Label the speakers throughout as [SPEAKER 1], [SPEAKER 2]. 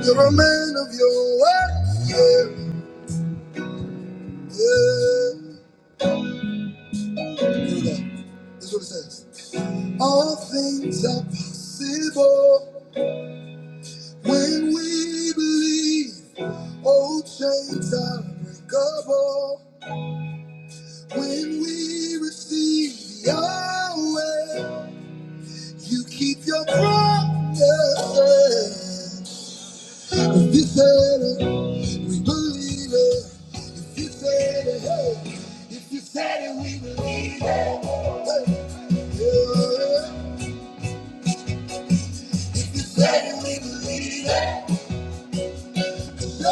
[SPEAKER 1] You're a man of your word. Yeah, yeah. Here we go. This is what it says. All things are possible when we believe. Old chains are breakable when we receive Yahweh. You keep your promises. If you said it, we believe it. If you said it, hey. If you said it, we believe it. Hey. Yeah. If you said it, we believe it. Yeah,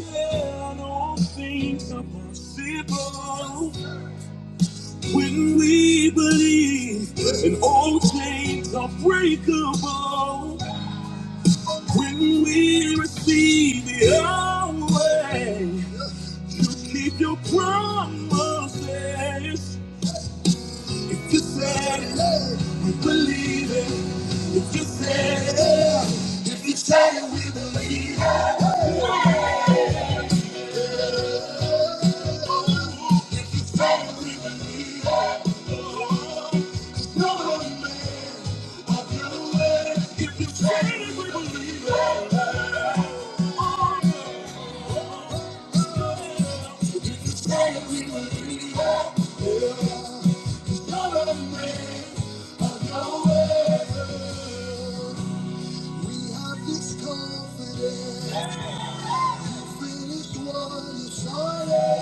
[SPEAKER 1] I know all things are possible When we believe and all chains are breakable, when we receive your way, you keep your promises. If you said it, we believe it. If you said it, each time you said it, we believe it. You're a man of word. We have this confidence. You finished what you started.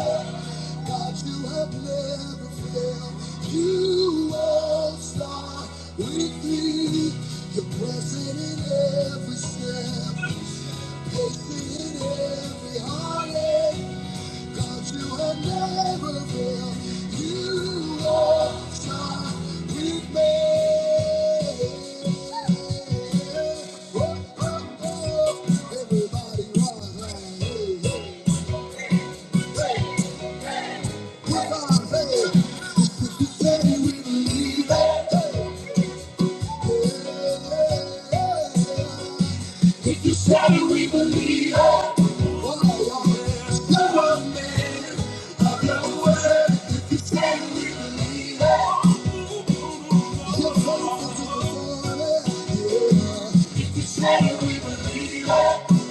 [SPEAKER 1] God, you have never failed. You won't stop with me. You're present in every step, patient in every heartache. God, you have never failed. You won't stop with me. Oh, oh, oh. Everybody rise, hey, hey. If you said it, we believe it. Oh, yeah. Come on, man. Of your word. If you said it, we believe it. if you say we oh, yeah.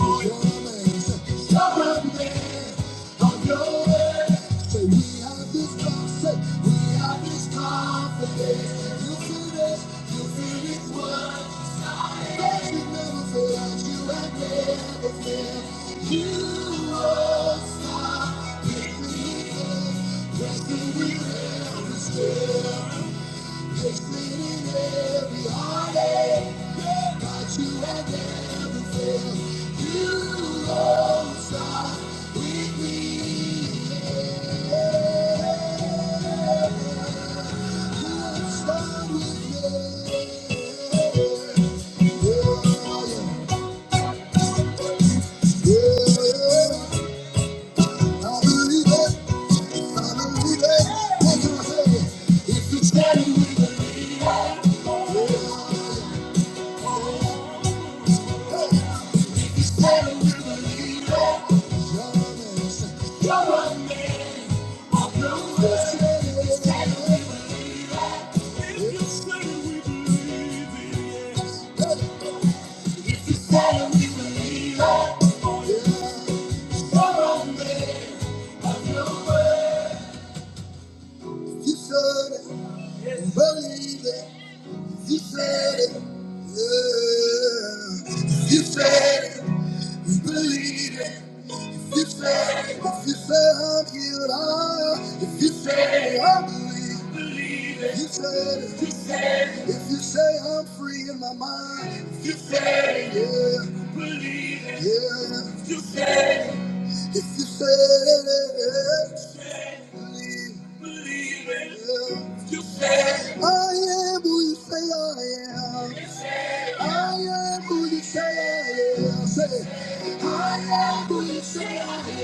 [SPEAKER 1] You are if you stand with me, You said it, you believe it. If you say, if you say I'm healed, I, if you say I believe, if you say, if you say, if you say I'm free in my mind, if you say, yeah, believe, it. yeah, if you say, if you say, believe, believe it, yeah, if you say, I am who you say I am. I am who you say I am. Say, I am who you say I am.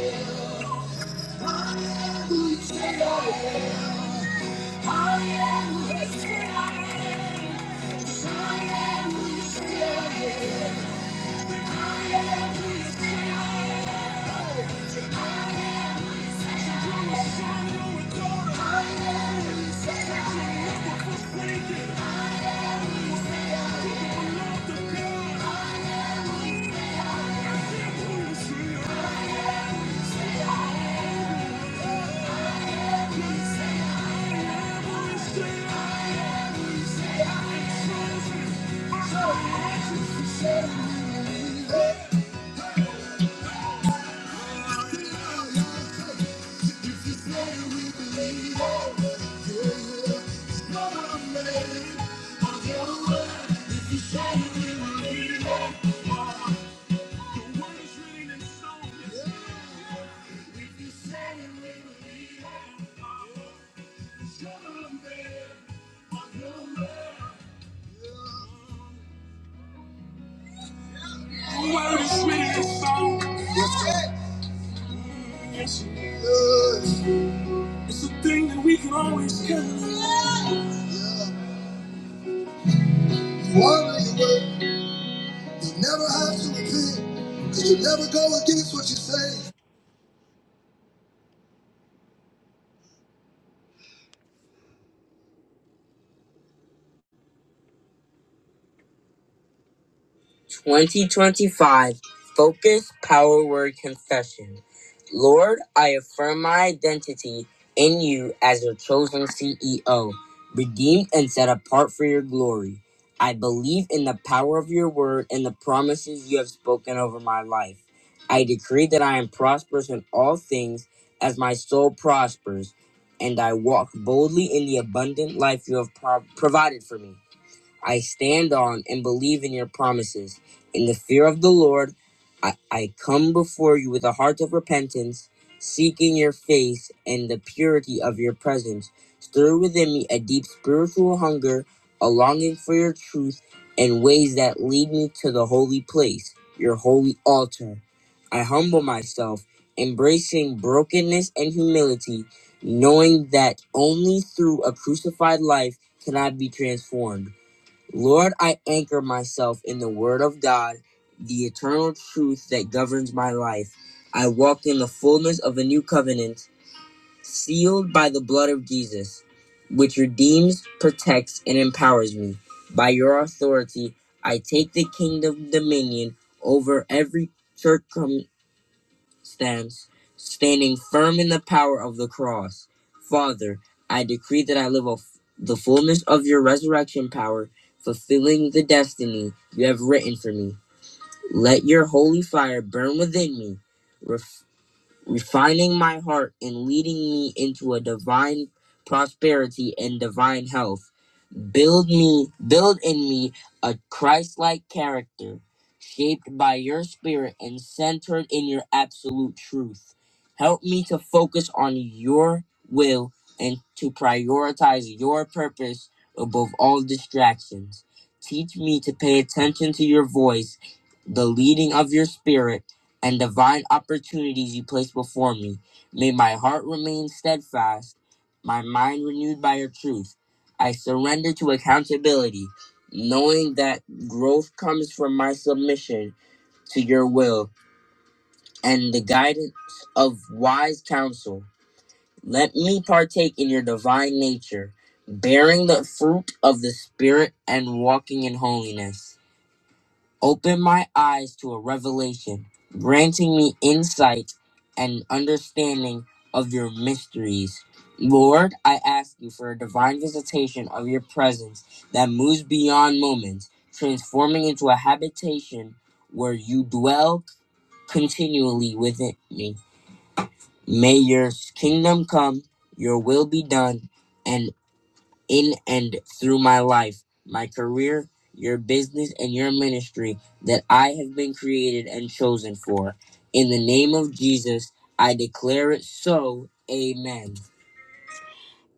[SPEAKER 1] Word is written in song. Yes, sir. Yes, it does. It's a thing that we can always count on. Yeah. You honor your word. You never have to repent. Because you never go against what you say. 2025 Focus Power Word Confession. Lord, I affirm my identity in you as your chosen CEO, redeemed and set apart for your glory. I believe in the power of your word and the promises you have spoken over my life. I decree that I am prosperous in all things as my soul prospers, and I walk boldly in the abundant life you have pro- provided for me. I stand on and believe in your promises. In the fear of the Lord, I, I come before you with a heart of repentance, seeking your face and the purity of your presence. Stir within me a deep spiritual hunger, a longing for your truth, and ways that lead me to the holy place, your holy altar. I humble myself, embracing brokenness and humility, knowing that only through a crucified life can I be transformed. Lord, I anchor myself in the Word of God, the eternal truth that governs my life. I walk in the fullness of a new covenant, sealed by the blood of Jesus, which redeems, protects, and empowers me. By your authority, I take the kingdom dominion over every circum stands, standing firm in the power of the cross. Father, I decree that I live of the fullness of your resurrection power, fulfilling the destiny you have written for me. Let your holy fire burn within me, ref- refining my heart and leading me into a divine prosperity and divine health. Build me, build in me a Christ-like character, shaped by your spirit and centered in your absolute truth. Help me to focus on your will and to prioritize your purpose above all distractions. Teach me to pay attention to your voice, the leading of your spirit, and divine opportunities you place before me. May my heart remain steadfast, my mind renewed by your truth I surrender to accountability, knowing that growth comes from my submission to your will and the guidance of wise counsel. Let me partake in your divine nature, bearing the fruit of the Spirit and walking in holiness. Open my eyes to a revelation, granting me insight and understanding of your mysteries. Lord, I ask you for a divine visitation of your presence that moves beyond moments, transforming into a habitation where you dwell continually within me. May your kingdom come, your will be done, and in and through my life, my career, your business, and your ministry that I have been created and chosen for. In the name of Jesus, I declare it so. Amen.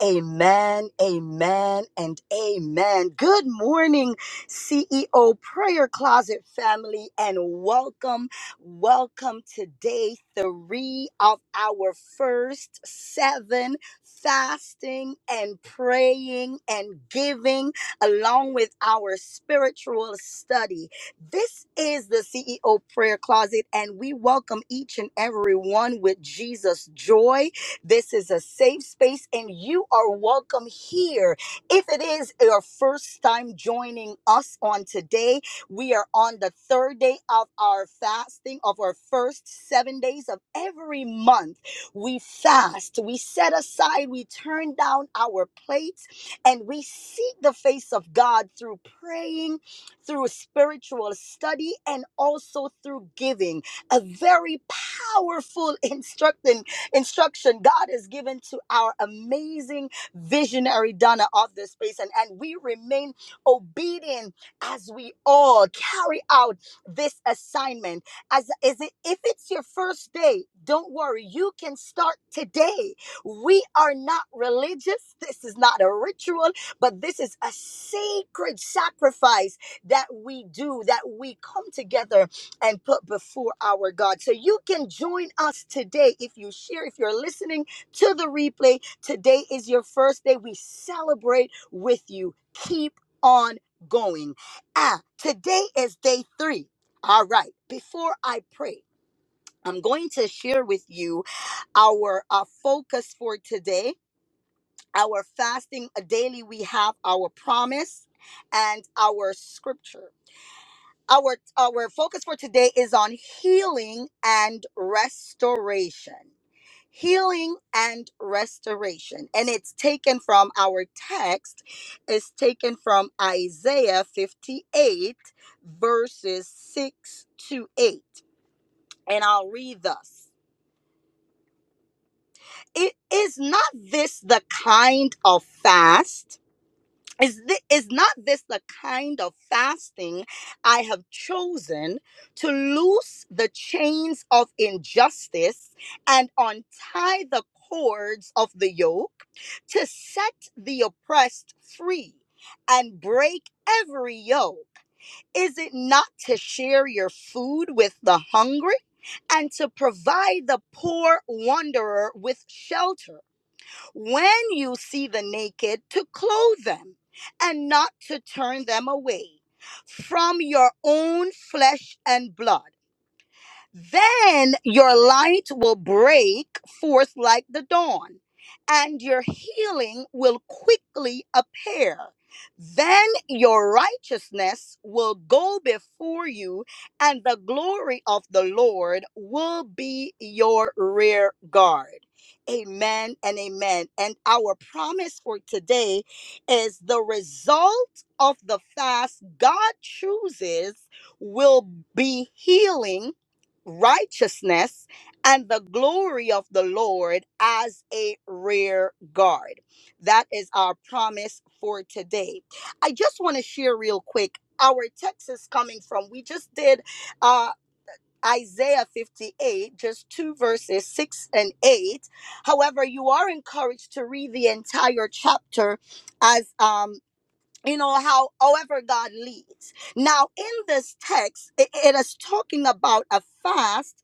[SPEAKER 1] Amen, amen, and amen. Good morning, CEO Prayer Closet family, and welcome, welcome to day three of our first seven fasting and praying and giving, along with our spiritual study. This is the CEO Prayer Closet, and we welcome each and every one with Jesus' joy this is a safe space, and you are welcome here. If it is your first time joining us on today, we are on the third day of our fasting, of our first seven days of every month. We fast, we set aside, we turn down our plates, and we seek the face of God through praying, through spiritual study, and also through giving. A very powerful instructing instruction God has given to our amazing visionary Donna of this space. And, and we remain obedient as we all carry out this assignment. As is it if it's your first day, don't worry, you can start today. We are not religious. This is not a ritual, but this is a sacred sacrifice that we do, that we come together and put before our God. So you can join us today if you share, if you're listening to the replay. Today is your first day. We celebrate with you. Keep on going. Ah, today is day three. All right, before I pray, I'm going to share with you our uh, focus for today. Our fasting uh, daily, we have our promise and our scripture. Our our focus for today is on healing and restoration. Healing and restoration. And it's taken from our text, it's taken from Isaiah 58, verses 6 to 8. And I'll read thus It is not this the kind of fast? is this, is not this the kind of fasting i have chosen to loose the chains of injustice and untie the cords of the yoke to set the oppressed free and break every yoke is it not to share your food with the hungry and to provide the poor wanderer with shelter when you see the naked, to clothe them and not to turn them away from your own flesh and blood. Then your light will break forth like the dawn, and your healing will quickly appear. Then your righteousness will go before you, and the glory of the Lord will be your rear guard. Amen and amen. And our promise for today is the result of the fast God chooses will be healing righteousness and the glory of the Lord as a rear guard. That is our promise for today. I just want to share real quick our text is coming from. We just did uh Isaiah 58, just two verses, six and eight. However, you are encouraged to read the entire chapter as um you know how however god leads now in this text it, it is talking about a fast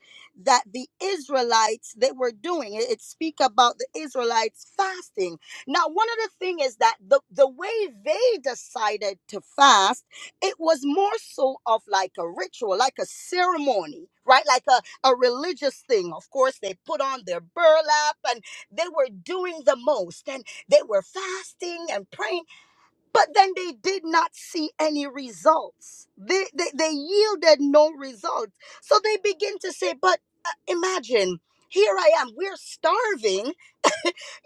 [SPEAKER 1] that the israelites they were doing it, it speak about the israelites fasting now one of the thing is that the, the way they decided to fast it was more so of like a ritual like a ceremony right like a, a religious thing of course they put on their burlap and they were doing the most and they were fasting and praying but then they did not see any results. They, they, they yielded no results. So they begin to say, But uh, imagine, here I am, we're starving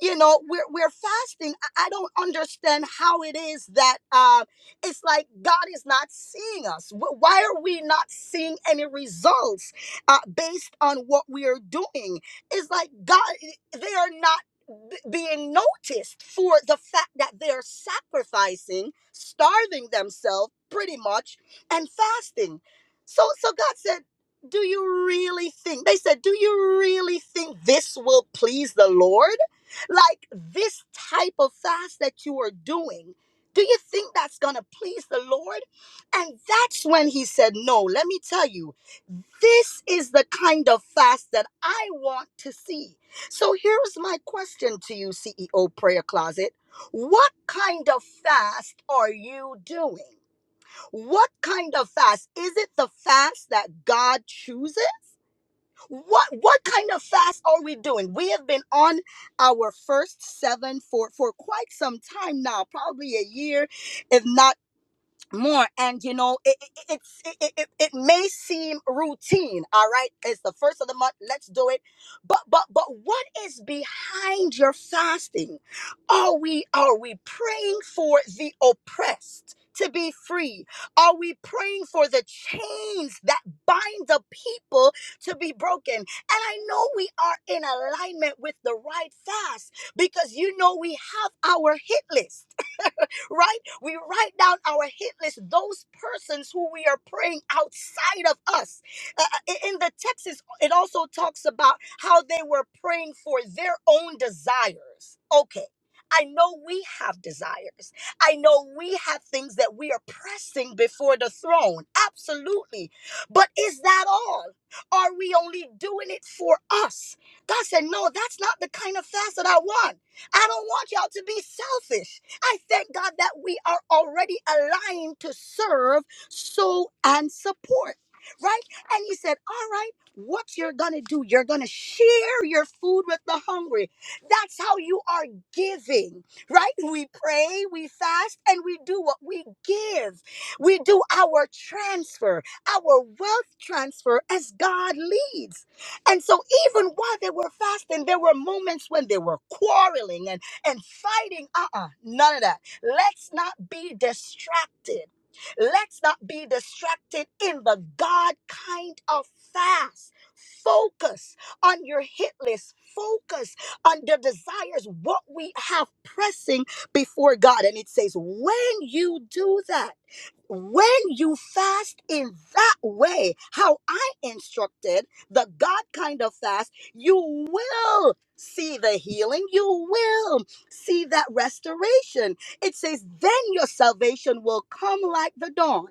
[SPEAKER 1] you know we're we're fasting i I don't understand how it is that uh, it's like god is not seeing us Wh- why are we not seeing any results uh, based on what we are doing it's like god eh, they are not b- being noticed for the fact that they're sacrificing starving themselves pretty much and fasting so so god said do you really think they said do you really think this will please the lord like this type of fast that you are doing, do you think that's going to please the Lord? And that's when he said, No, let me tell you, this is the kind of fast that I want to see. So here's my question to you, CEO Prayer Closet. What kind of fast are you doing? What kind of fast? Is it the fast that God chooses? What what kind of fast are we doing? We have been on our first seven for for quite some time now, probably a year, if not more and you know it it, it's- it it it it may seem routine all right it's the first of the month let's do it but but but what is behind your fasting are we are we praying for the oppressed to be free are we praying for the chains that bind the people to be broken and i know we are in alignment with the right fast because you know we have our hit list right? We write down our hit list, those persons who we are praying outside of us. Uh, uh, in the text, is- it also talks about how they were praying for their own desires. Okay. I know we have desires. I know we have things that we are pressing before the throne. Absolutely. But is that all? Are we only doing it for us? God said, No, that's not the kind of fast that I want. I don't want y'all to be selfish. I thank God that we are already aligned to serve, sow, and support. Right? And he said, All right, what you're gonna do, you're gonna share your food with the hungry. That's how you are giving, right? We pray, we fast, and we do what we give. We do our transfer, our wealth transfer as God leads. And so, even while they were fasting, there were moments when they were quarreling and fighting. Uh uh none of that. Let's not be distracted. Let's not be distracted in the God kind of fast. Focus on your hit list. Focus on the desires, what we have pressing before God. And it says, when you do that, when you fast in that way, how I instructed, the God kind of fast, you will see the healing. You will see that restoration. It says, then your salvation will come like the dawn,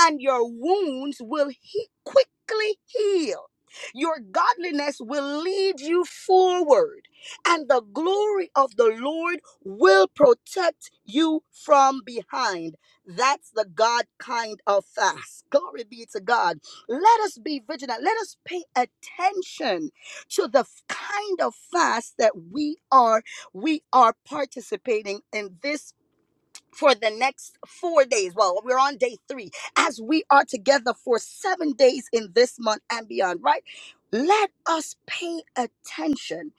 [SPEAKER 1] and your wounds will he- quickly heal. Your godliness will lead you forward, and the glory of the Lord will protect you from behind. That's the God kind of fast. Glory be to God. Let us be vigilant. Let us pay attention to the kind of fast that we are we are participating in this for the next four days. Well, we're on day three as we are together for seven days in this month and beyond, right? Let us pay attention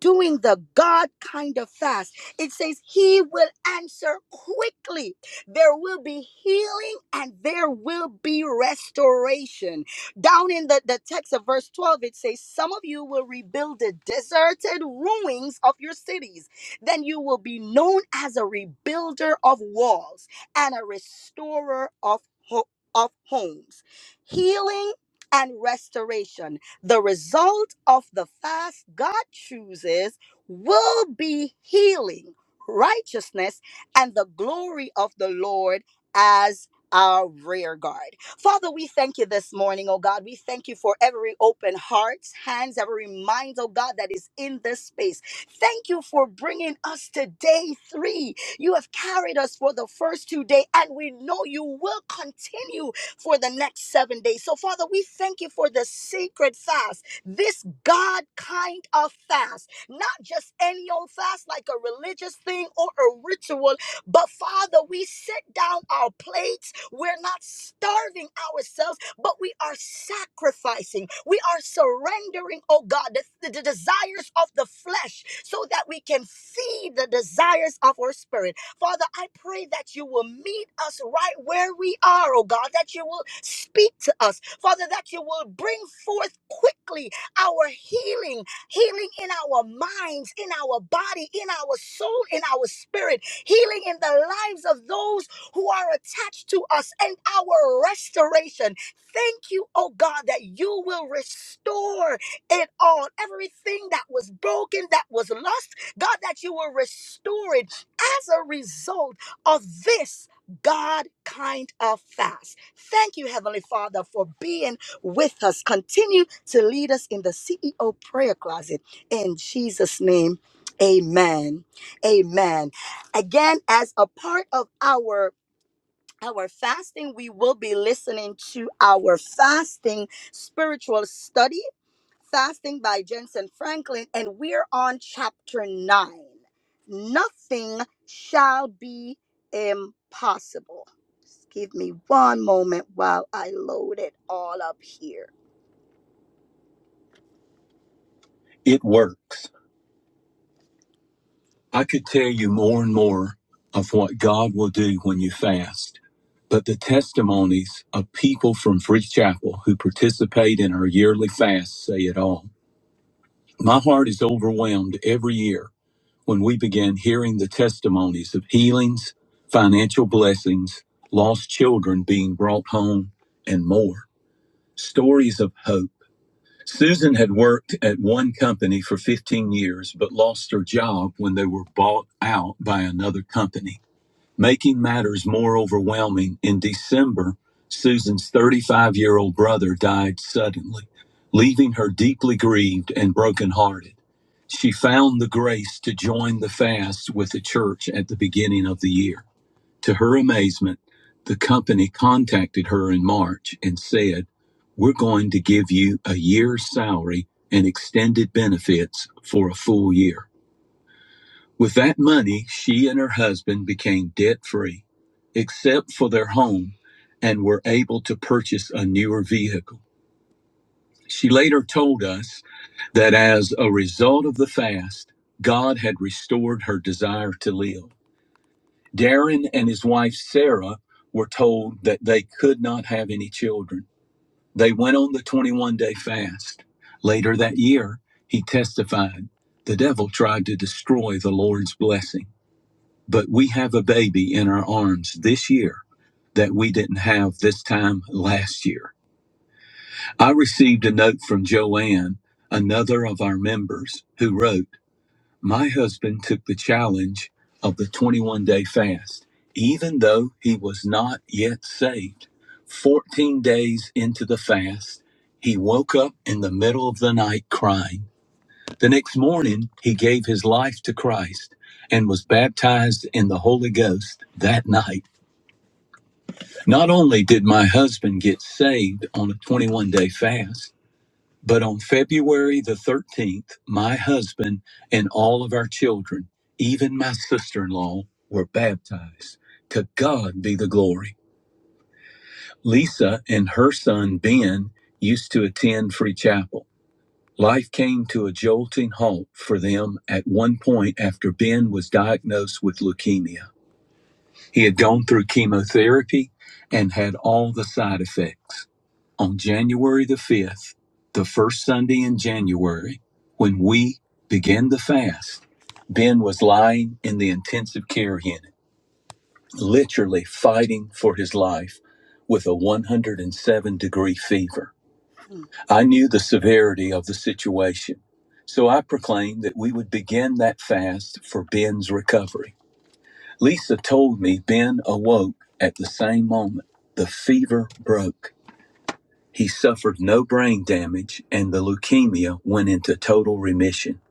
[SPEAKER 1] doing the God kind of fast. It says, He will answer quickly. There will be healing and there will be restoration. Down in the, the text of verse 12, it says, Some of you will rebuild the deserted ruins of your cities then you will be known as a rebuilder of walls and a restorer of, ho- of homes. Healing and restoration, the result of the fast God chooses, will be healing, righteousness, and the glory of the Lord as our rear guard. Father, we thank you this morning, oh God. We thank you for every open heart, hands, every mind, oh God, that is in this space. Thank you for bringing us to day three. You have carried us for the first two days, and we know you will continue for the next seven days. So, Father, we thank you for the sacred fast, this God kind of fast, not just any old fast like a religious thing or a ritual. But Father, we set down our plates. We're not starving ourselves, but we are sacrificing. We are surrendering, oh God, the, the the desires of the flesh so that we can feed the desires of our spirit. Father, I pray that you will meet us right where we are, oh God, that you will speak to us. Father, that you will bring forth quickly our healing, healing in our minds, in our body, in our soul, in our spirit healing in the lives of those who are attached to us, and our restoration. Thank you, oh God, that you will restore it all. Everything that was broken, that was lost, God, that you will restore it as a result of this God kind of fast. Thank you, Heavenly Father, for being with us. Continue to lead us in the CEO prayer closet. In Jesus' name, amen. Amen again as a part of our our fasting we will be listening to our fasting spiritual study fasting by jensen franklin and we're on chapter 9 nothing shall be impossible just give me one moment while i load it all up here it works I could tell you more and more of what God will do when you fast, but the testimonies of people from Free Chapel who participate in our yearly fast say it all. My heart is overwhelmed every year when we begin hearing the testimonies of healings, financial blessings, lost children being brought home, and more. Stories of hope Susan had worked at one company for 15 years but lost her job when they were bought out by another company. Making matters more overwhelming, in December, Susan's 35 year old brother died suddenly, leaving her deeply grieved and brokenhearted. She found the grace to join the fast with the church at the beginning of the year. To her amazement, the company contacted her in March and said, We're going to give you a year's salary and extended benefits for a full year. With that money, she and her husband became debt free, except for their home, and were able to purchase a newer vehicle. She later told us that as a result of the fast, God had restored her desire to live. Darren and his wife Sarah were told that they could not have any children. They went on the 21 day fast. Later that year, he testified the devil tried to destroy the Lord's blessing, but we have a baby in our arms this year that we didn't have this time last year. I received a note from Joanne, another of our members, who wrote, my husband took the challenge of the 21 day fast, even though he was not yet saved. 14 days into the fast, he woke up in the middle of the night crying. The next morning, he gave his life to Christ and was baptized in the Holy Ghost that night. Not only did my husband get saved on a 21 day fast, but on February the 13th, my husband and all of our children, even my sister in law, were baptized. To God be the glory. Lisa and her son Ben used to attend Free Chapel. Life came to a jolting halt for them at one point after Ben was diagnosed with leukemia. He had gone through chemotherapy and had all the side effects on January the 5th, the first Sunday in January, when we began the fast, Ben was lying in the intensive care unit, literally fighting for his life with a 107 degree fever. I knew the severity of the situation, so I proclaimed that we would begin that fast for Ben's recovery. Lisa told me Ben awoke at the same moment. The fever broke. He suffered no brain damage and the leukemia went into total remission.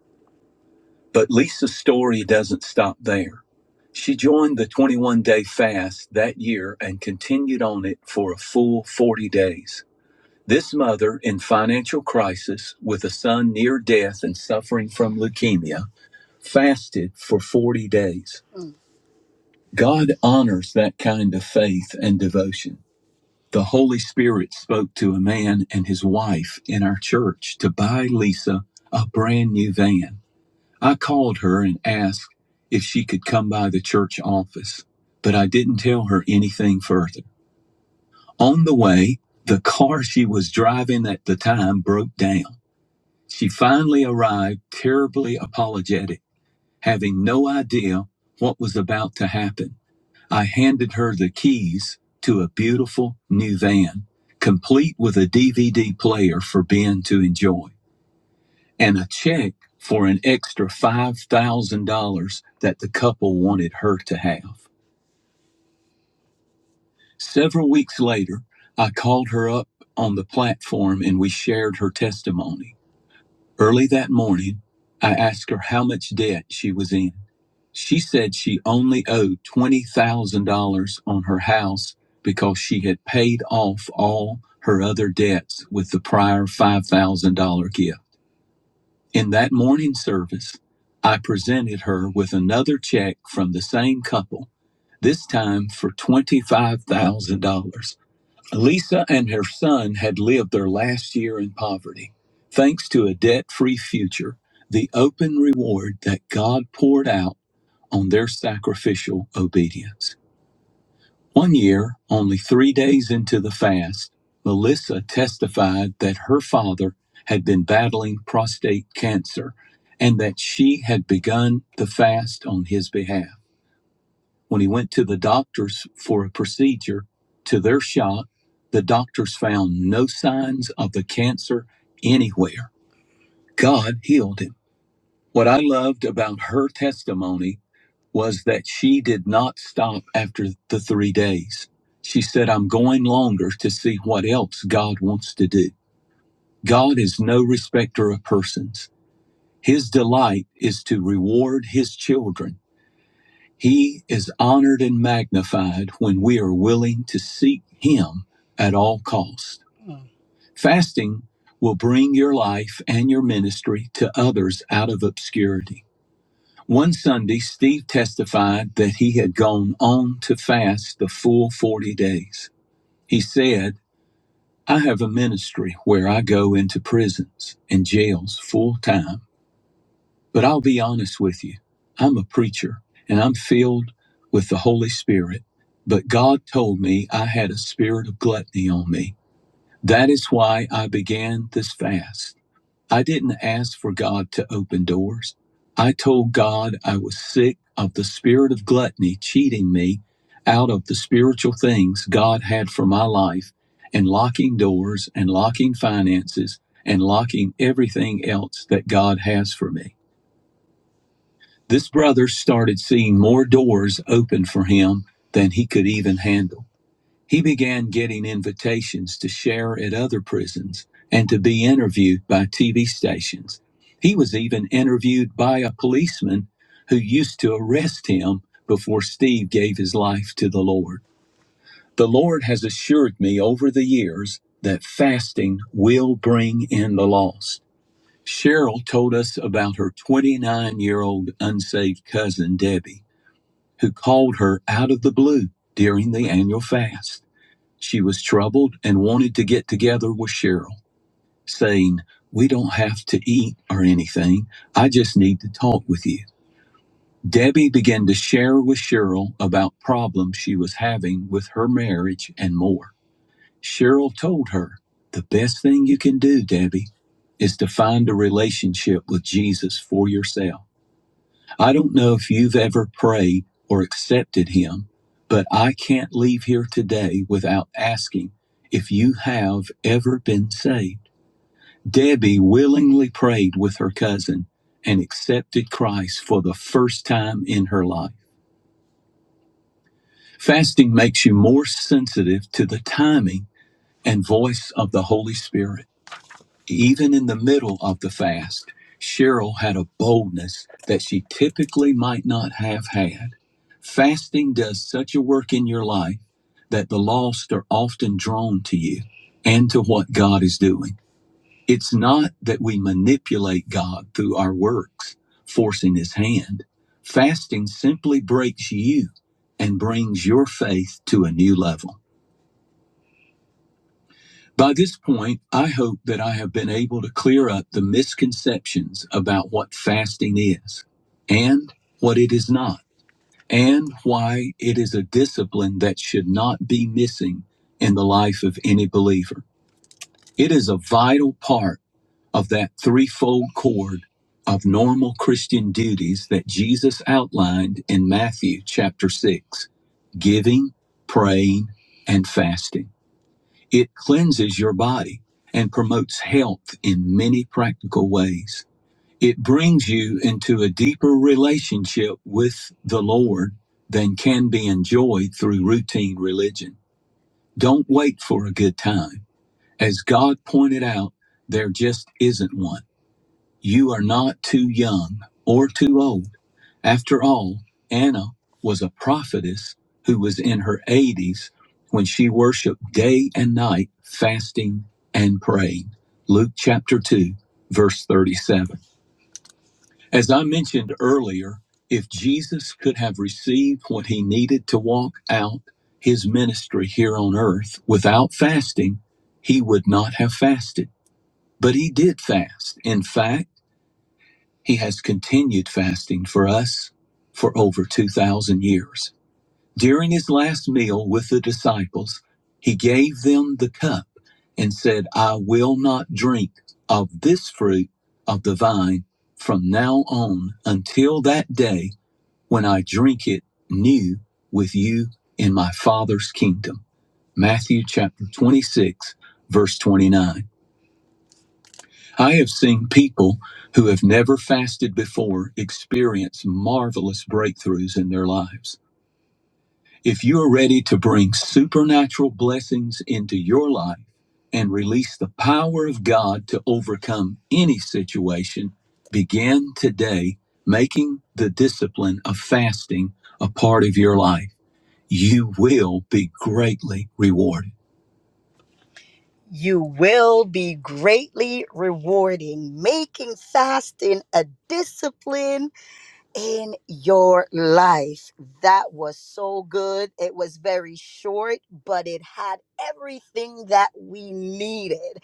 [SPEAKER 1] But Lisa's story doesn't stop there. She joined the 21 day fast that year and continued on it for a full 40 days. This mother in financial crisis with a son near death and suffering from leukemia fasted for 40 days. God honors that kind of faith and devotion. The Holy Spirit spoke to a man and his wife in our church to buy Lisa a brand new van. I called her and asked if she could come by the church office, but I didn't tell her anything further. On the way, the car she was driving at the time broke down. She finally arrived terribly apologetic, having no idea what was about to happen. I handed her the keys to a beautiful new van, complete with a DVD player for Ben to enjoy, and a check for an extra $5,000 that the couple wanted her to have. Several weeks later, I called her up on the platform and we shared her testimony. Early that morning, I asked her how much debt she was in. She said she only owed $20,000 on her house because she had paid off all her other debts with the prior $5,000 gift. In that morning service, I presented her with another check from the same couple, this time for $25,000. Lisa and her son had lived their last year in poverty, thanks to a debt free future, the open reward that God poured out on their sacrificial obedience. One year, only three days into the fast, Melissa testified that her father had been battling prostate cancer and that she had begun the fast on his behalf. When he went to the doctors for a procedure, to their shock, the doctors found no signs of the cancer anywhere. God healed him. What I loved about her testimony was that she did not stop after the three days. She said, I'm going longer to see what else God wants to do. God is no respecter of persons. His delight is to reward his children He is honored and magnified when we are willing to seek Him at all costs. Fasting will bring your life and your ministry to others out of obscurity. One Sunday, Steve testified that he had gone on to fast the full 40 days. He said, I have a ministry where I go into prisons and jails full time But I'll be honest with you. I'm a preacher and I'm filled with the Holy Spirit. But God told me I had a spirit of gluttony on me. That is why I began this fast. I didn't ask for God to open doors. I told God I was sick of the spirit of gluttony cheating me out of the spiritual things God had for my life and locking doors and locking finances and locking everything else that God has for me. This brother started seeing more doors open for him than he could even handle. He began getting invitations to share at other prisons and to be interviewed by TV stations. He was even interviewed by a policeman who used to arrest him before Steve gave his life to the Lord. The Lord has assured me over the years that fasting will bring in the lost. Cheryl told us about her 29 year old unsaved cousin, Debbie, who called her out of the blue during the annual fast. She was troubled and wanted to get together with Cheryl, saying, We don't have to eat or anything. I just need to talk with you. Debbie began to share with Cheryl about problems she was having with her marriage and more. Cheryl told her, The best thing you can do, Debbie, is to find a relationship with Jesus for yourself. I don't know if you've ever prayed or accepted Him, but I can't leave here today without asking if you have ever been saved. Debbie willingly prayed with her cousin and accepted Christ for the first time in her life. Fasting makes you more sensitive to the timing and voice of the Holy Spirit. Even in the middle of the fast, Cheryl had a boldness that she typically might not have had. Fasting does such a work in your life that the lost are often drawn to you and to what God is doing. It's not that we manipulate God through our works, forcing his hand. Fasting simply breaks you and brings your faith to a new level. By this point, I hope that I have been able to clear up the misconceptions about what fasting is and what it is not, and why it is a discipline that should not be missing in the life of any believer. It is a vital part of that threefold cord of normal Christian duties that Jesus outlined in Matthew chapter 6 giving, praying, and fasting. It cleanses your body and promotes health in many practical ways. It brings you into a deeper relationship with the Lord than can be enjoyed through routine religion. Don't wait for a good time. As God pointed out, there just isn't one. You are not too young or too old. After all, Anna was a prophetess who was in her 80s when she worshiped day and night, fasting and praying. Luke chapter 2, verse 37. As I mentioned earlier, if Jesus could have received what he needed to walk out his ministry here on earth without fasting, he would not have fasted. But he did fast. In fact, he has continued fasting for us for over 2,000 years. During his last meal with the disciples, he gave them the cup and said, I will not drink of this fruit of the vine from now on until that day when I drink it new with you in my Father's kingdom. Matthew chapter 26, verse 29. I have seen people who have never fasted before experience marvelous breakthroughs in their lives. If you are ready to bring supernatural blessings into your life and release the power of God to overcome any situation, begin today making the discipline of fasting a part of your life. You will be greatly rewarded. You will be greatly rewarding, making fasting a discipline in your life. That was so good. It was very short, but it had everything that we needed.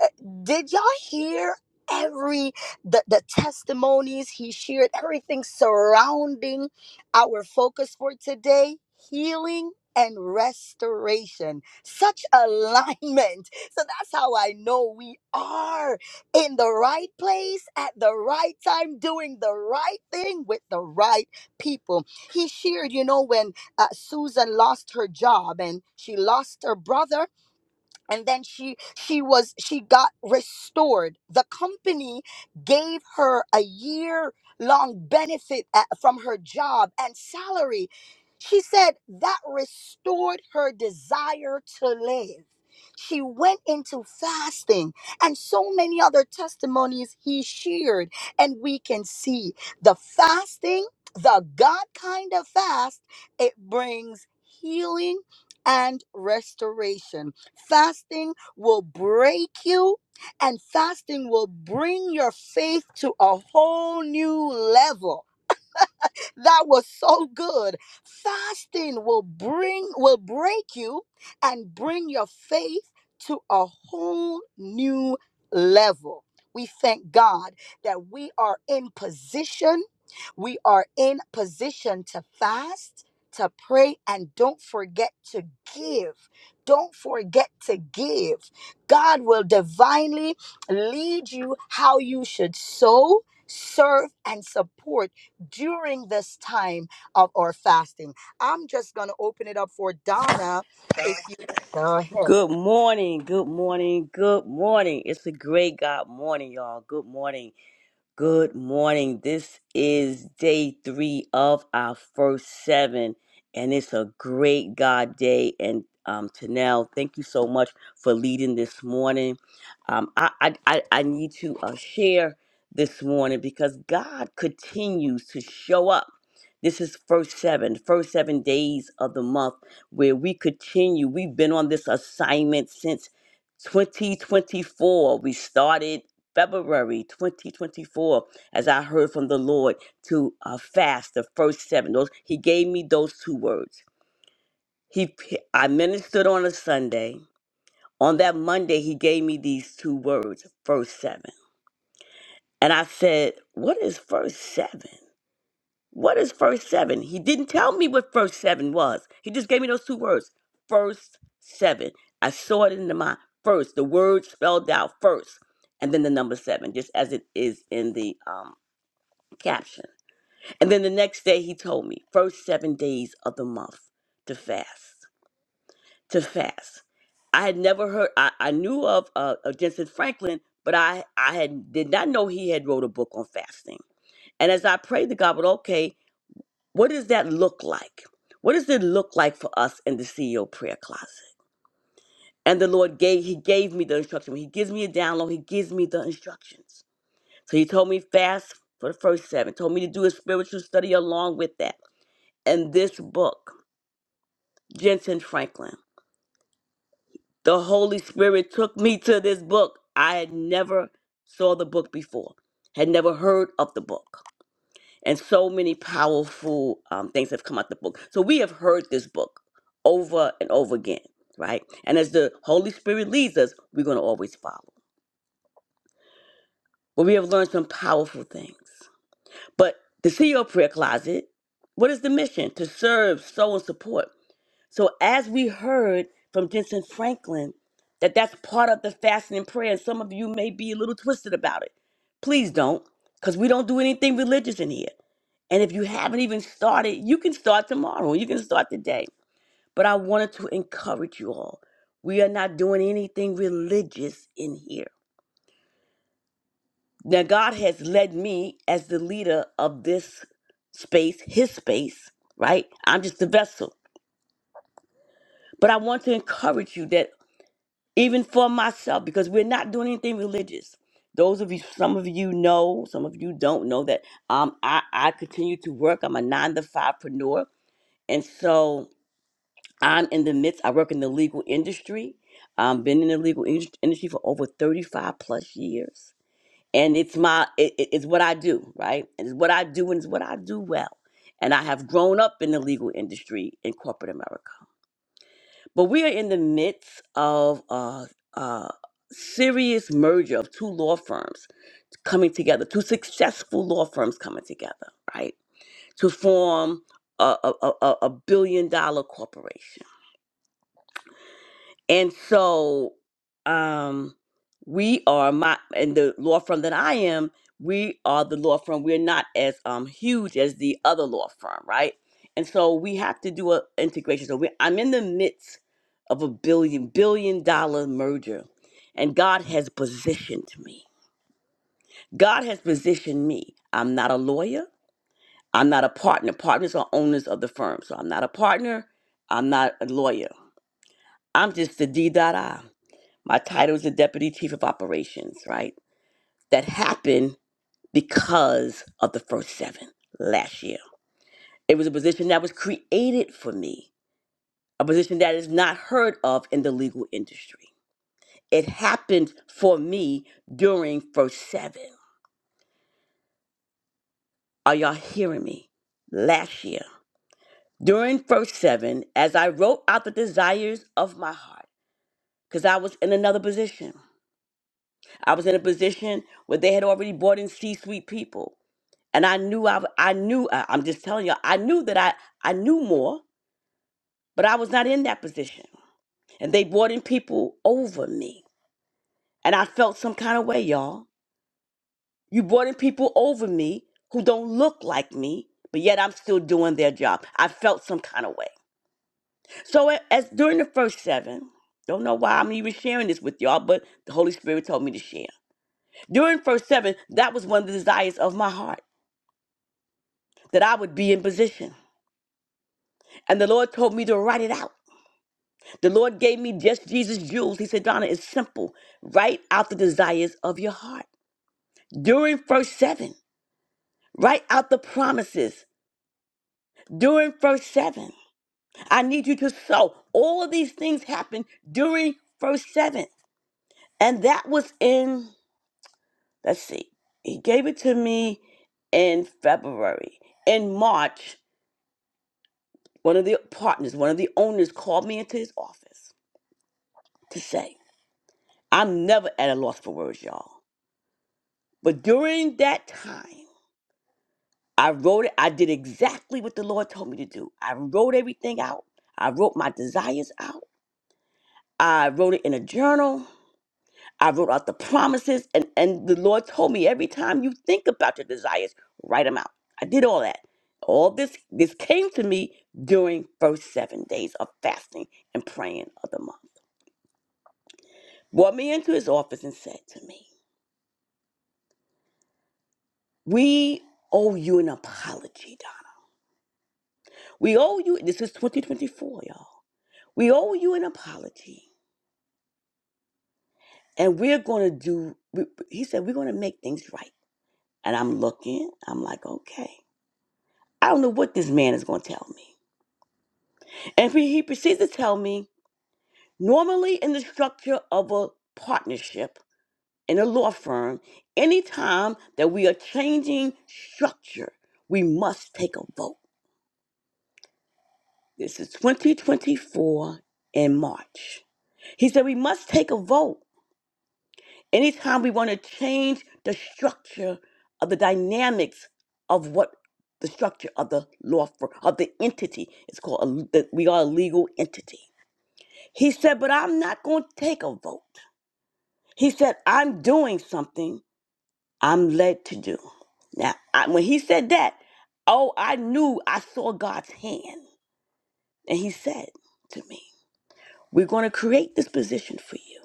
[SPEAKER 1] Eh, did y'all hear every the, the testimonies he shared everything surrounding our focus for today healing and restoration such alignment so that's how i know we are in the right place at the right time doing the right thing with the right people he shared you know when uh, susan lost her job and she lost her brother and then she she was she got restored the company gave her a year long benefit at, from her job and salary she said that restored her desire to live she went into fasting and so many other testimonies he shared and we can see the fasting the god kind of fast it brings healing and restoration Fasting will break you, and fasting will bring your faith to a whole new level that was so good. Fasting will bring will break you and bring your faith to a whole new level. We thank God that we are in position. We are in position to fast, to pray, and don't forget to give. Don't forget to give. God will divinely lead you how you should sow, serve, and support during this time of our fasting. I'm just going to open it up for Donna. If you go ahead.
[SPEAKER 2] Good morning, good morning, good morning. It's a great God morning, y'all. Good morning. Good morning. This is day three of our first seven, and it's a great God day. And um, Tanel, thank you so much for leading this morning. Um, I, I, I I need to uh, share this morning because God continues to show up. This is first seven, first seven days of the month where we continue. We've been on this assignment since 2024. We started February 2024, as I heard from the Lord, to uh, fast the first seven. Those He gave me those two words. He, I ministered on a Sunday. On that Monday, He gave me these two words: first seven. And I said, "What is first seven? What is first seven? He didn't tell me what first seven was. He just gave me those two words: first seven. I saw it in the mind. First, the word spelled out first, and then the number seven, just as it is in the um caption. And then the next day he told me, first seven days of the month to fast, to fast. I had never heard, I, I knew of, uh, of Jensen Franklin, but I, I had did not know he had wrote a book on fasting. And as I prayed to God, but okay, what does that look like? What does it look like for us in the CEO prayer closet? And the Lord gave, he gave me the instruction. When he gives me a download, he gives me the instructions. So he told me fast for the first seven, told me to do a spiritual study along with that and this book, Jensen Franklin. The Holy Spirit took me to this book. I had never saw the book before, had never heard of the book. And so many powerful um, things have come out the book. So we have heard this book over and over again, right? And as the Holy Spirit leads us, we're going to always follow. But we have learned some powerful things. But the CEO prayer closet, what is the mission? To serve, sow, and support. So as we heard from Jensen Franklin, that that's part of the fasting and prayer, and some of you may be a little twisted about it. Please don't, because we don't do anything religious in here. And if you haven't even started, you can start tomorrow. You can start today. But I wanted to encourage you all. We are not doing anything religious in here. Now, God has led me as the leader of this space, his space, right? I'm just the vessel. But I want to encourage you that even for myself because we're not doing anything religious those of you some of you know some of you don't know that um i i continue to work i'm a nine to fivepreneur and so i'm in the midst i work in the legal industry i've been in the legal indus- industry for over 35 plus years and it's my it, it- it's what i do right and it's what i do and it's what i do well and i have grown up in the legal industry in corporate america but we are in the midst of a, a serious merger of two law firms coming together, two successful law firms coming together, right? To form a, a, a, a a billion dollar corporation. And so um, we are my and the law firm that I am, we are the law firm. We're not as um, huge as the other law firm, right? And so we have to do a integration. So we, I'm in the midst of a billion billion dollar merger, and God has positioned me. God has positioned me. I'm not a lawyer. I'm not a partner. Partners are owners of the firm, so I'm not a partner. I'm not a lawyer. I'm just the D dot I. My title is the Deputy Chief of Operations, right? That happened because of the first seven last year. It was a position that was created for me, a position that is not heard of in the legal industry. It happened for me during first seven. Are y'all hearing me? Last year, during first seven, as I wrote out the desires of my heart, because I was in another position. I was in a position where they had already brought in C suite people. and I knew I, w- I knew I- I'm just telling you I knew that I I knew more, but I was not in that position. And they brought in people over me, and I felt some kind of way, y'all. You brought in people over me who don't look like me, but yet I'm still doing their job. I felt some kind of way. So a- as during the first seven, don't know why I'm even sharing this with y'all, but the Holy Spirit told me to share. During first seven, that was one of the desires of my heart that I would be in position, and the Lord told me to write it out. The Lord gave me just Jesus jewels. He said, Donna, it's simple. Write out the desires of your heart. During verse 7, write out the promises. During verse 7, I need you to sow. All of these things happen during verse 7. And that was in, let's see, he gave it to me in February. In March, one of the partners, one of the owners called me into his office to say, I'm never at a loss for words, y'all. But during that time, I wrote it. I did exactly what the Lord told me to do. I wrote everything out. I wrote my desires out. I wrote it in a journal. I wrote out the promises. And, and the Lord told me every time you think about your desires, write them out. I did all that. All this this came to me during first seven days of fasting and praying of the month. Brought me into his office and said to me, We owe you an apology, Don. We owe you this is 2024, y'all. We owe you an apology and we're going to do we, he said we're going to make things right and i'm looking i'm like okay i don't know what this man is going to tell me and he, he proceeds to tell me normally in the structure of a partnership in a law firm anytime that we are changing structure we must take a vote this is 2024 in march he said we must take a vote Anytime we want to change the structure of the dynamics of what the structure of the law firm, of the entity, it's called, a, that we are a legal entity. He said, but I'm not going to take a vote. He said, I'm doing something I'm led to do. Now, I, when he said that, oh, I knew I saw God's hand. And he said to me, We're going to create this position for you.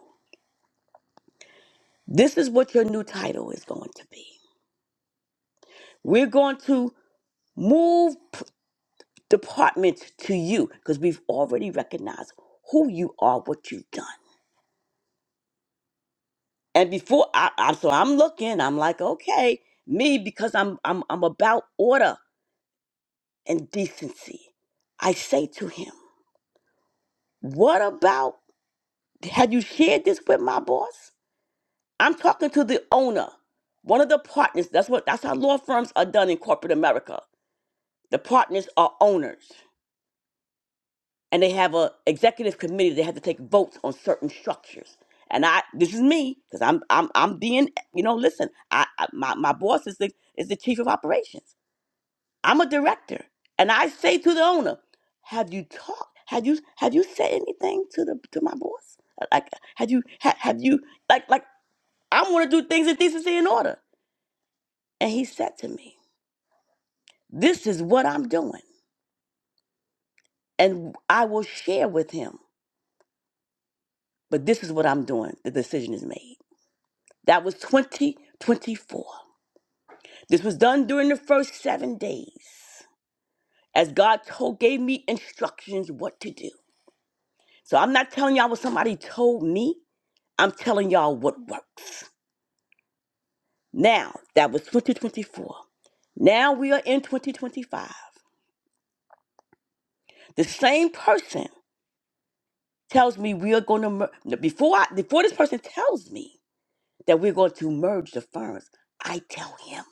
[SPEAKER 2] This is what your new title is going to be. We're going to Move p- departments to you because we've already recognized who you are, what you've done. And before I, I so I'm looking, I'm like, okay, me because I'm I'm I'm about order and decency. I say to him, what about had you shared this with my boss? I'm talking to the owner, one of the partners. That's what that's how law firms are done in corporate America. The partners are owners. and they have a executive committee they have to take votes on certain structures and i this is me because i'm i'm i'm being you know listen i, I my, my boss is the is the chief of operations i'm a director and i say to the owner have you talked have you have you said anything to the to my boss like have you ha, have you like like i want to do things in decency and order and he said to me this is what i'm doing and i will share with him but this is what i'm doing the decision is made That was 2024. This was done during the first seven days as God told, gave me instructions what to do. So I'm not telling y'all what somebody told me. I'm telling y'all what works. Now, that was 2024. Now we are in 2025. The same person tells me we are going to, mer- before, I, before this person tells me that we're going to merge the firms, I tell him.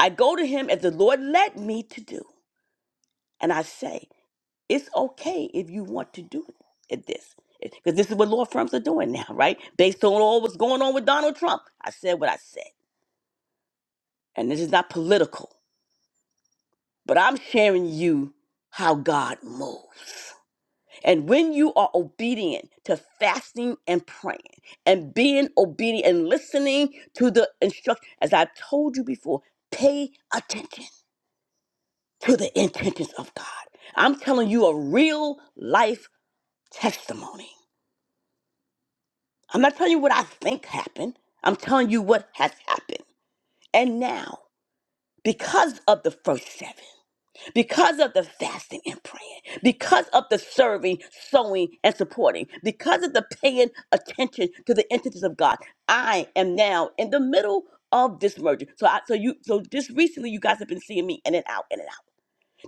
[SPEAKER 2] I go to him as the Lord led me to do. And I say, It's okay if you want to do it, this. Because this is what law firms are doing now, right? Based on all what's going on with Donald Trump. I said what I said. And this is not political, but I'm sharing you how God moves. And when you are obedient to fasting and praying and being obedient and listening to the instruction, as i told you before, pay attention to the intentions of God. I'm telling you a real life testimony. I'm not telling you what I think happened. I'm telling you what has happened. And now, because of the first seven, because of the fasting and praying, because of the serving, sowing, and supporting, because of the paying attention to the intentions of God, I am now in the middle of this merger. So, I, so you, so just recently, you guys have been seeing me in and out, in and out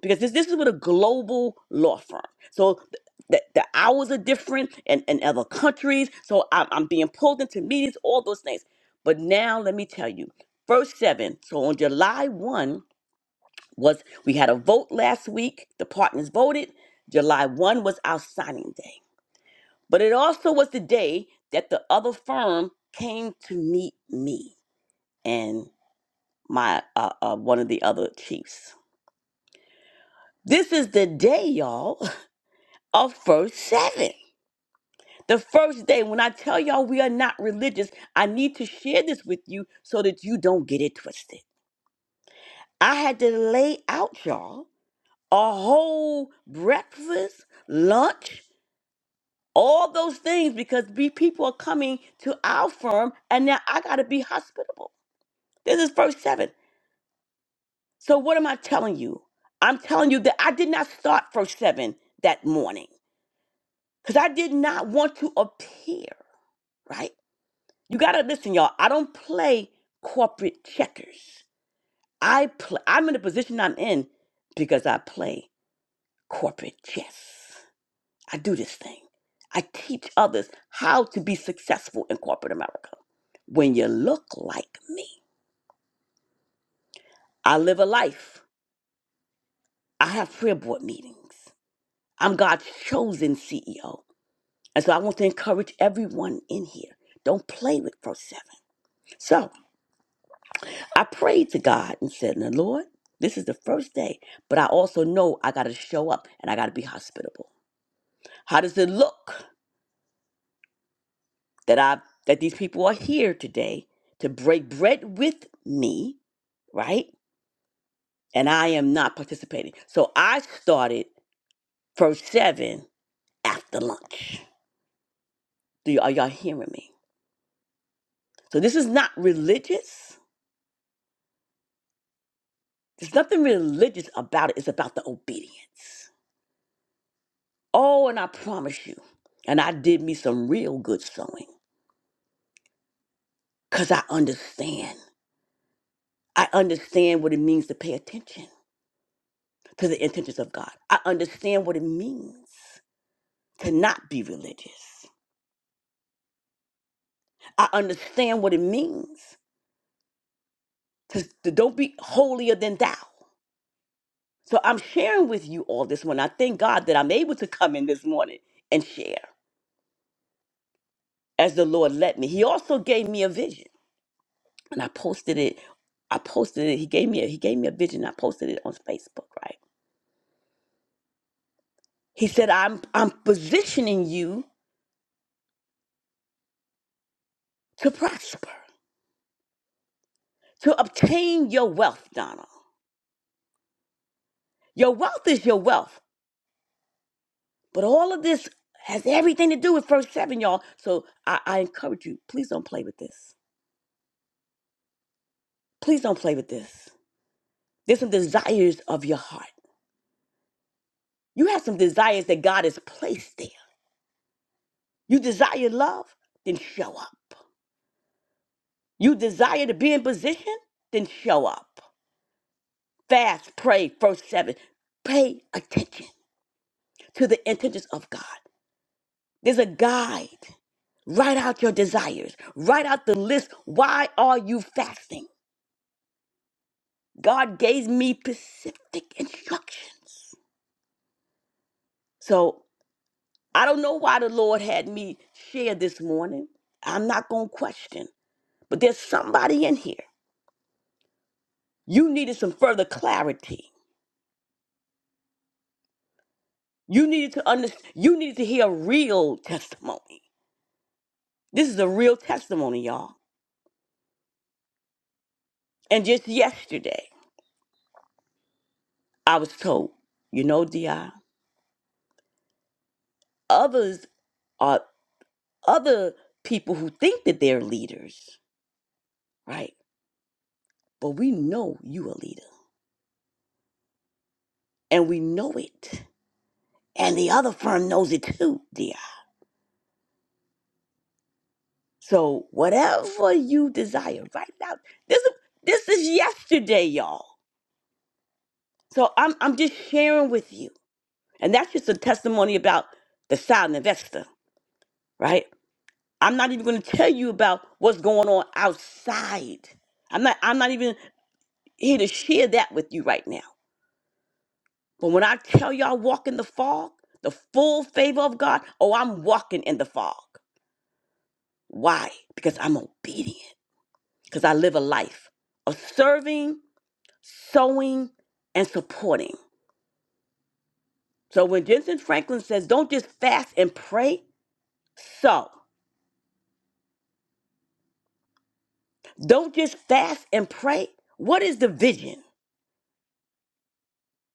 [SPEAKER 2] because this this is with a global law firm. So th- the, the hours are different in, in other countries. So I'm, I'm being pulled into meetings, all those things. But now let me tell you, first seven. So on July one was we had a vote last week. The partners voted. July one was our signing day. But it also was the day that the other firm came to meet me and my uh, uh, one of the other chiefs. This is the day, y'all. of first seven. The first day, when I tell y'all we are not religious, I need to share this with you so that you don't get it twisted. I had to lay out, y'all, a whole breakfast, lunch, all those things because be people are coming to our firm and now I gotta be hospitable. This is verse seven. So what am I telling you? I'm telling you that I did not start verse seven that morning because I did not want to appear, right? You gotta listen, y'all. I don't play corporate checkers. I play. I'm in the position I'm in because I play corporate chess. I do this thing. I teach others how to be successful in corporate America. When you look like me, I live a life. I have prayer board meetings. I'm God's chosen CEO, and so I want to encourage everyone in here. Don't play with Pro Seven. So. I prayed to God and said, Now, Lord, this is the first day, but I also know I got to show up and I got to be hospitable. How does it look that I that these people are here today to break bread with me, right? And I am not participating. So I started first seven after lunch. Do you, are y'all hearing me? So this is not religious. There's nothing religious about it. It's about the obedience. Oh, and I promise you, and I did me some real good sewing. because I understand. I understand what it means to pay attention to the intentions of God. I understand what it means to not be religious. I understand what it means to, to don't be holier than thou. So I'm sharing with you all this one. I thank God that I'm able to come in this morning and share as the Lord let me. He also gave me a vision, and I posted it. I posted it. He gave me a, he gave me a vision. I posted it on Facebook. Right? He said, "I'm I'm positioning you to prosper." to obtain your wealth, Donna. Your wealth is your wealth. But all of this has everything to do with verse 7, y'all. So I, I encourage you, please don't play with this. Please don't play with this. There's some desires of your heart. You have some desires that God has placed there. You desire love, then show up. You desire to be in position, then show up. Fast, pray, verse 7. Pay attention to the intentions of God. There's a guide Write out your desires. Write out the list. Why are you fasting? God gave me specific instructions. So I don't know why the Lord had me share this morning. I'm not going to question, but there's somebody in here. You needed some further clarity. You needed to understand. You needed to hear a real testimony. This is a real testimony, y'all. And just yesterday, I was told, you know, Di, others other people who think that they're leaders, right? But we know you a leader and we know it. And the other firm knows it too, dear. So whatever you desire right now, this is this is yesterday, y'all. So I'm I'm just sharing with you. And that's just a testimony about the silent investor, right? I'm not even gonna tell you about what's going on outside. I'm not I'm not even here to share that with you right now. But when I tell y'all walk in the fog, the full favor of God, oh, I'm walking in the fog. Why? Because I'm obedient. Because I live a life of serving, sowing, and supporting. So when Jensen Franklin says, don't just fast and pray, so don't just fast and pray. What is the vision?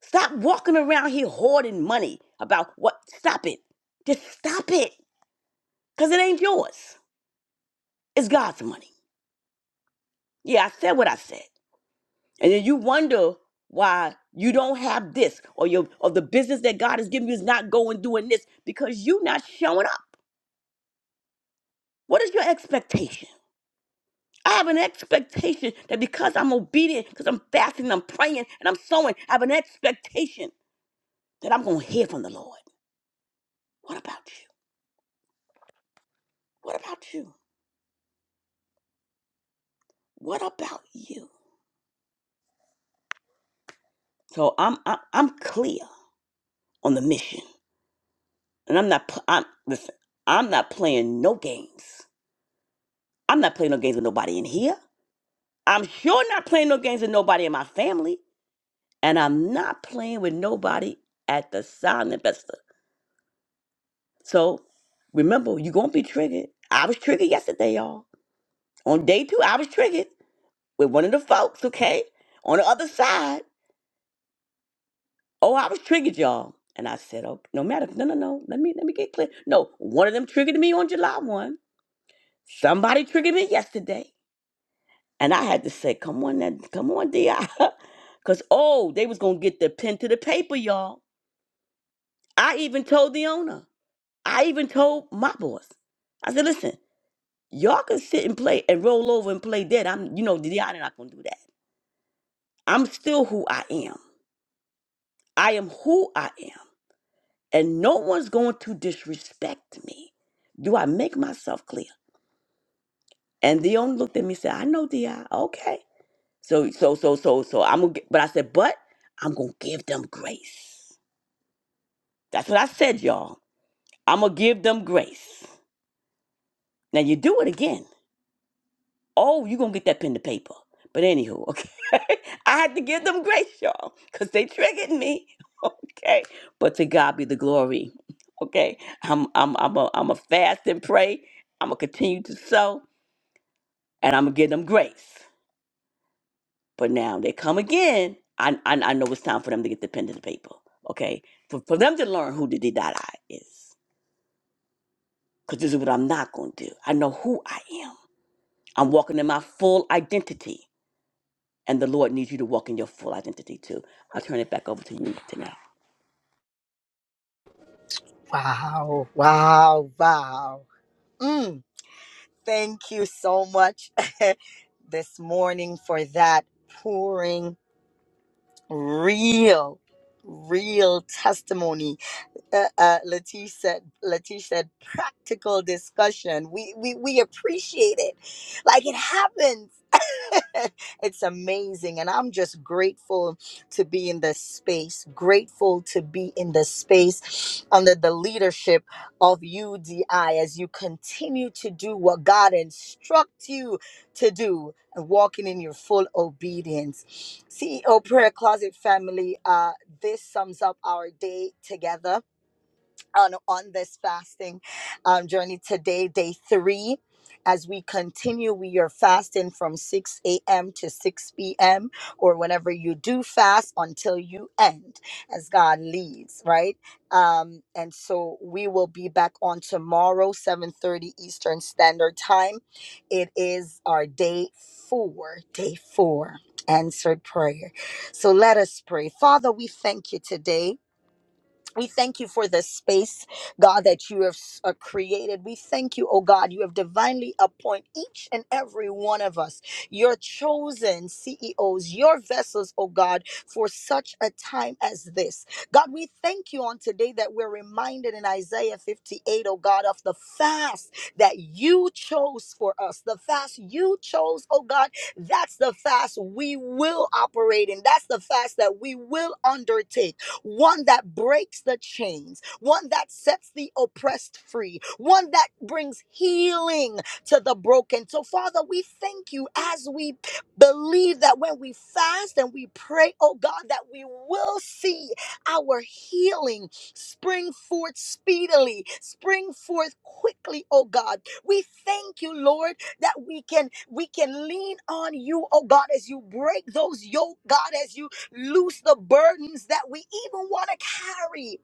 [SPEAKER 2] Stop walking around here hoarding money about what? Stop it. Just stop it. Because it ain't yours. It's God's money. Yeah, I said what I said. And then you wonder why you don't have this or your or the business that God has given you is not going doing this because you're not showing up. What is your expectation? I have an expectation that because I'm obedient, because I'm fasting, I'm praying, and I'm sowing, I have an expectation that I'm gonna hear from the Lord. What about you? What about you? What about you? So I'm I'm, I'm clear on the mission, and I'm not pl- I'm listen. I'm not playing no games. I'm not playing no games with nobody in here. I'm sure not playing no games with nobody in my family, and I'm not playing with nobody at the silent investor. So remember, you're gonna be triggered. I was triggered yesterday, y'all. On day two, I was triggered with one of the folks, okay? On the other side. Oh, I was triggered, y'all. And I said, okay, no matter, no, no, no. Let me let me get clear. No, one of them triggered me on July 1. Somebody triggered me yesterday. And I had to say, come on, now, come on, DI. Cause oh, they was gonna get the pen to the paper, y'all. I even told the owner. I even told my boss. I said, listen, y'all can sit and play and roll over and play dead. I'm, you know, Deanna not gonna do that. I'm still who I am. I am who I am. And no one's going to disrespect me. Do I make myself clear? And the owner looked at me and said, I know DI. Okay. So, so, so, so, so I'm gonna get, but I said, but I'm gonna give them grace. That's what I said, y'all. I'm gonna give them grace. Now you do it again. Oh, you gonna get that pen to paper. But anywho, okay. I had to give them grace, y'all, because they triggered me. Okay. But to God be the glory. Okay. I'm I'm I'm a I'm a fast and pray. I'm gonna continue to sow and I'm gonna give them grace. But now they come again. I I, I know it's time for them to get the pen to the paper. Okay. For for them to learn who the did that I is. Because this is what I'm not gonna do. I know who I am. I'm walking in my full identity. And the Lord needs you to walk in your full identity too. I'll turn it back over to you, Danelle.
[SPEAKER 1] Wow, wow, wow. Mm, thank you so much this morning for that pouring real, real testimony uh, uh, Latish said, Latish said, practical discussion. We, we, we appreciate it. Like it happens. it's amazing. And I'm just grateful to be in this space, grateful to be in this space under the leadership of UDI as you continue to do what God instructs you to do and walking in your full obedience. CEO Prayer Closet family, uh, this sums up our day together on on this fasting um, journey today, day three. As we continue, we are fasting from 6 a.m. to 6 p.m. or whenever you do fast until you end, as God leads, right? Um, and so we will be back on tomorrow, 7:30 Eastern Standard Time. It is our day four, day four, answered prayer. So let us pray. Father, we thank you today. We thank you for the space, God, that you have uh, created. We thank you, oh God, you have divinely appointed each and every one of us, your chosen CEOs, your vessels, oh God, for such a time as this. God, we thank you on today that we're reminded in Isaiah 58, O God, of the fast that you chose for us. The fast you chose, oh God, that's the fast we will operate in. That's the fast that we will undertake one that breaks the chains, one that sets the oppressed free, one that brings healing to the broken. So, Father, we thank you as we believe that when we fast and we pray, oh God, that we will see our healing spring forth speedily, spring forth quickly, oh God. We thank you, Lord, that we can we can lean on you, oh God, as you break those yoke, God, as you Loose the burdens that we even want to carry.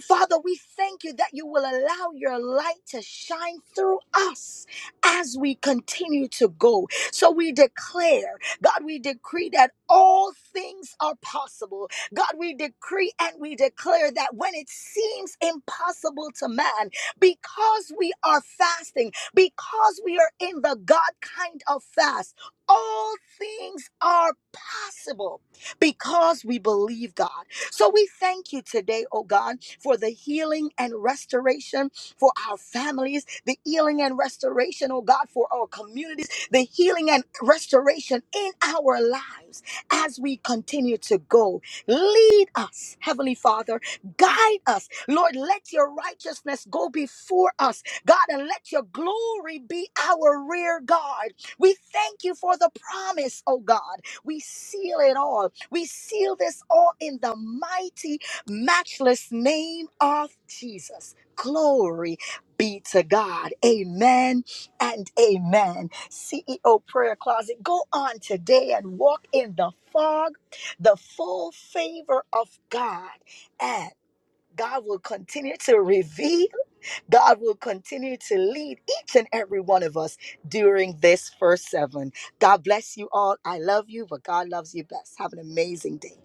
[SPEAKER 1] Father, we thank you that you will allow your light to shine through us as we continue to go. So we declare, God, we decree that all things are possible. God, we decree and we declare that when it seems impossible to man, because we are fasting, because we are in the God kind of fast, all things are possible because we believe God. So we thank you today, oh God, for the healing and restoration for our families, the healing and restoration, oh God, for our communities, the healing and restoration in our lives as we continue to go. Lead us, Heavenly Father, guide us. Lord, let your righteousness go before us, God, and let your glory be our rear guard. We thank you for the promise, oh God. We seal it all. We seal this all in the mighty, matchless name of Jesus. Glory be to God. Amen and amen. CEO Prayer Closet, go on today and walk in the fog, the full favor of God. And God will continue to reveal. God will continue to lead each and every one of us during this first seven. God bless you all. I love you, but God loves you best. Have an amazing day.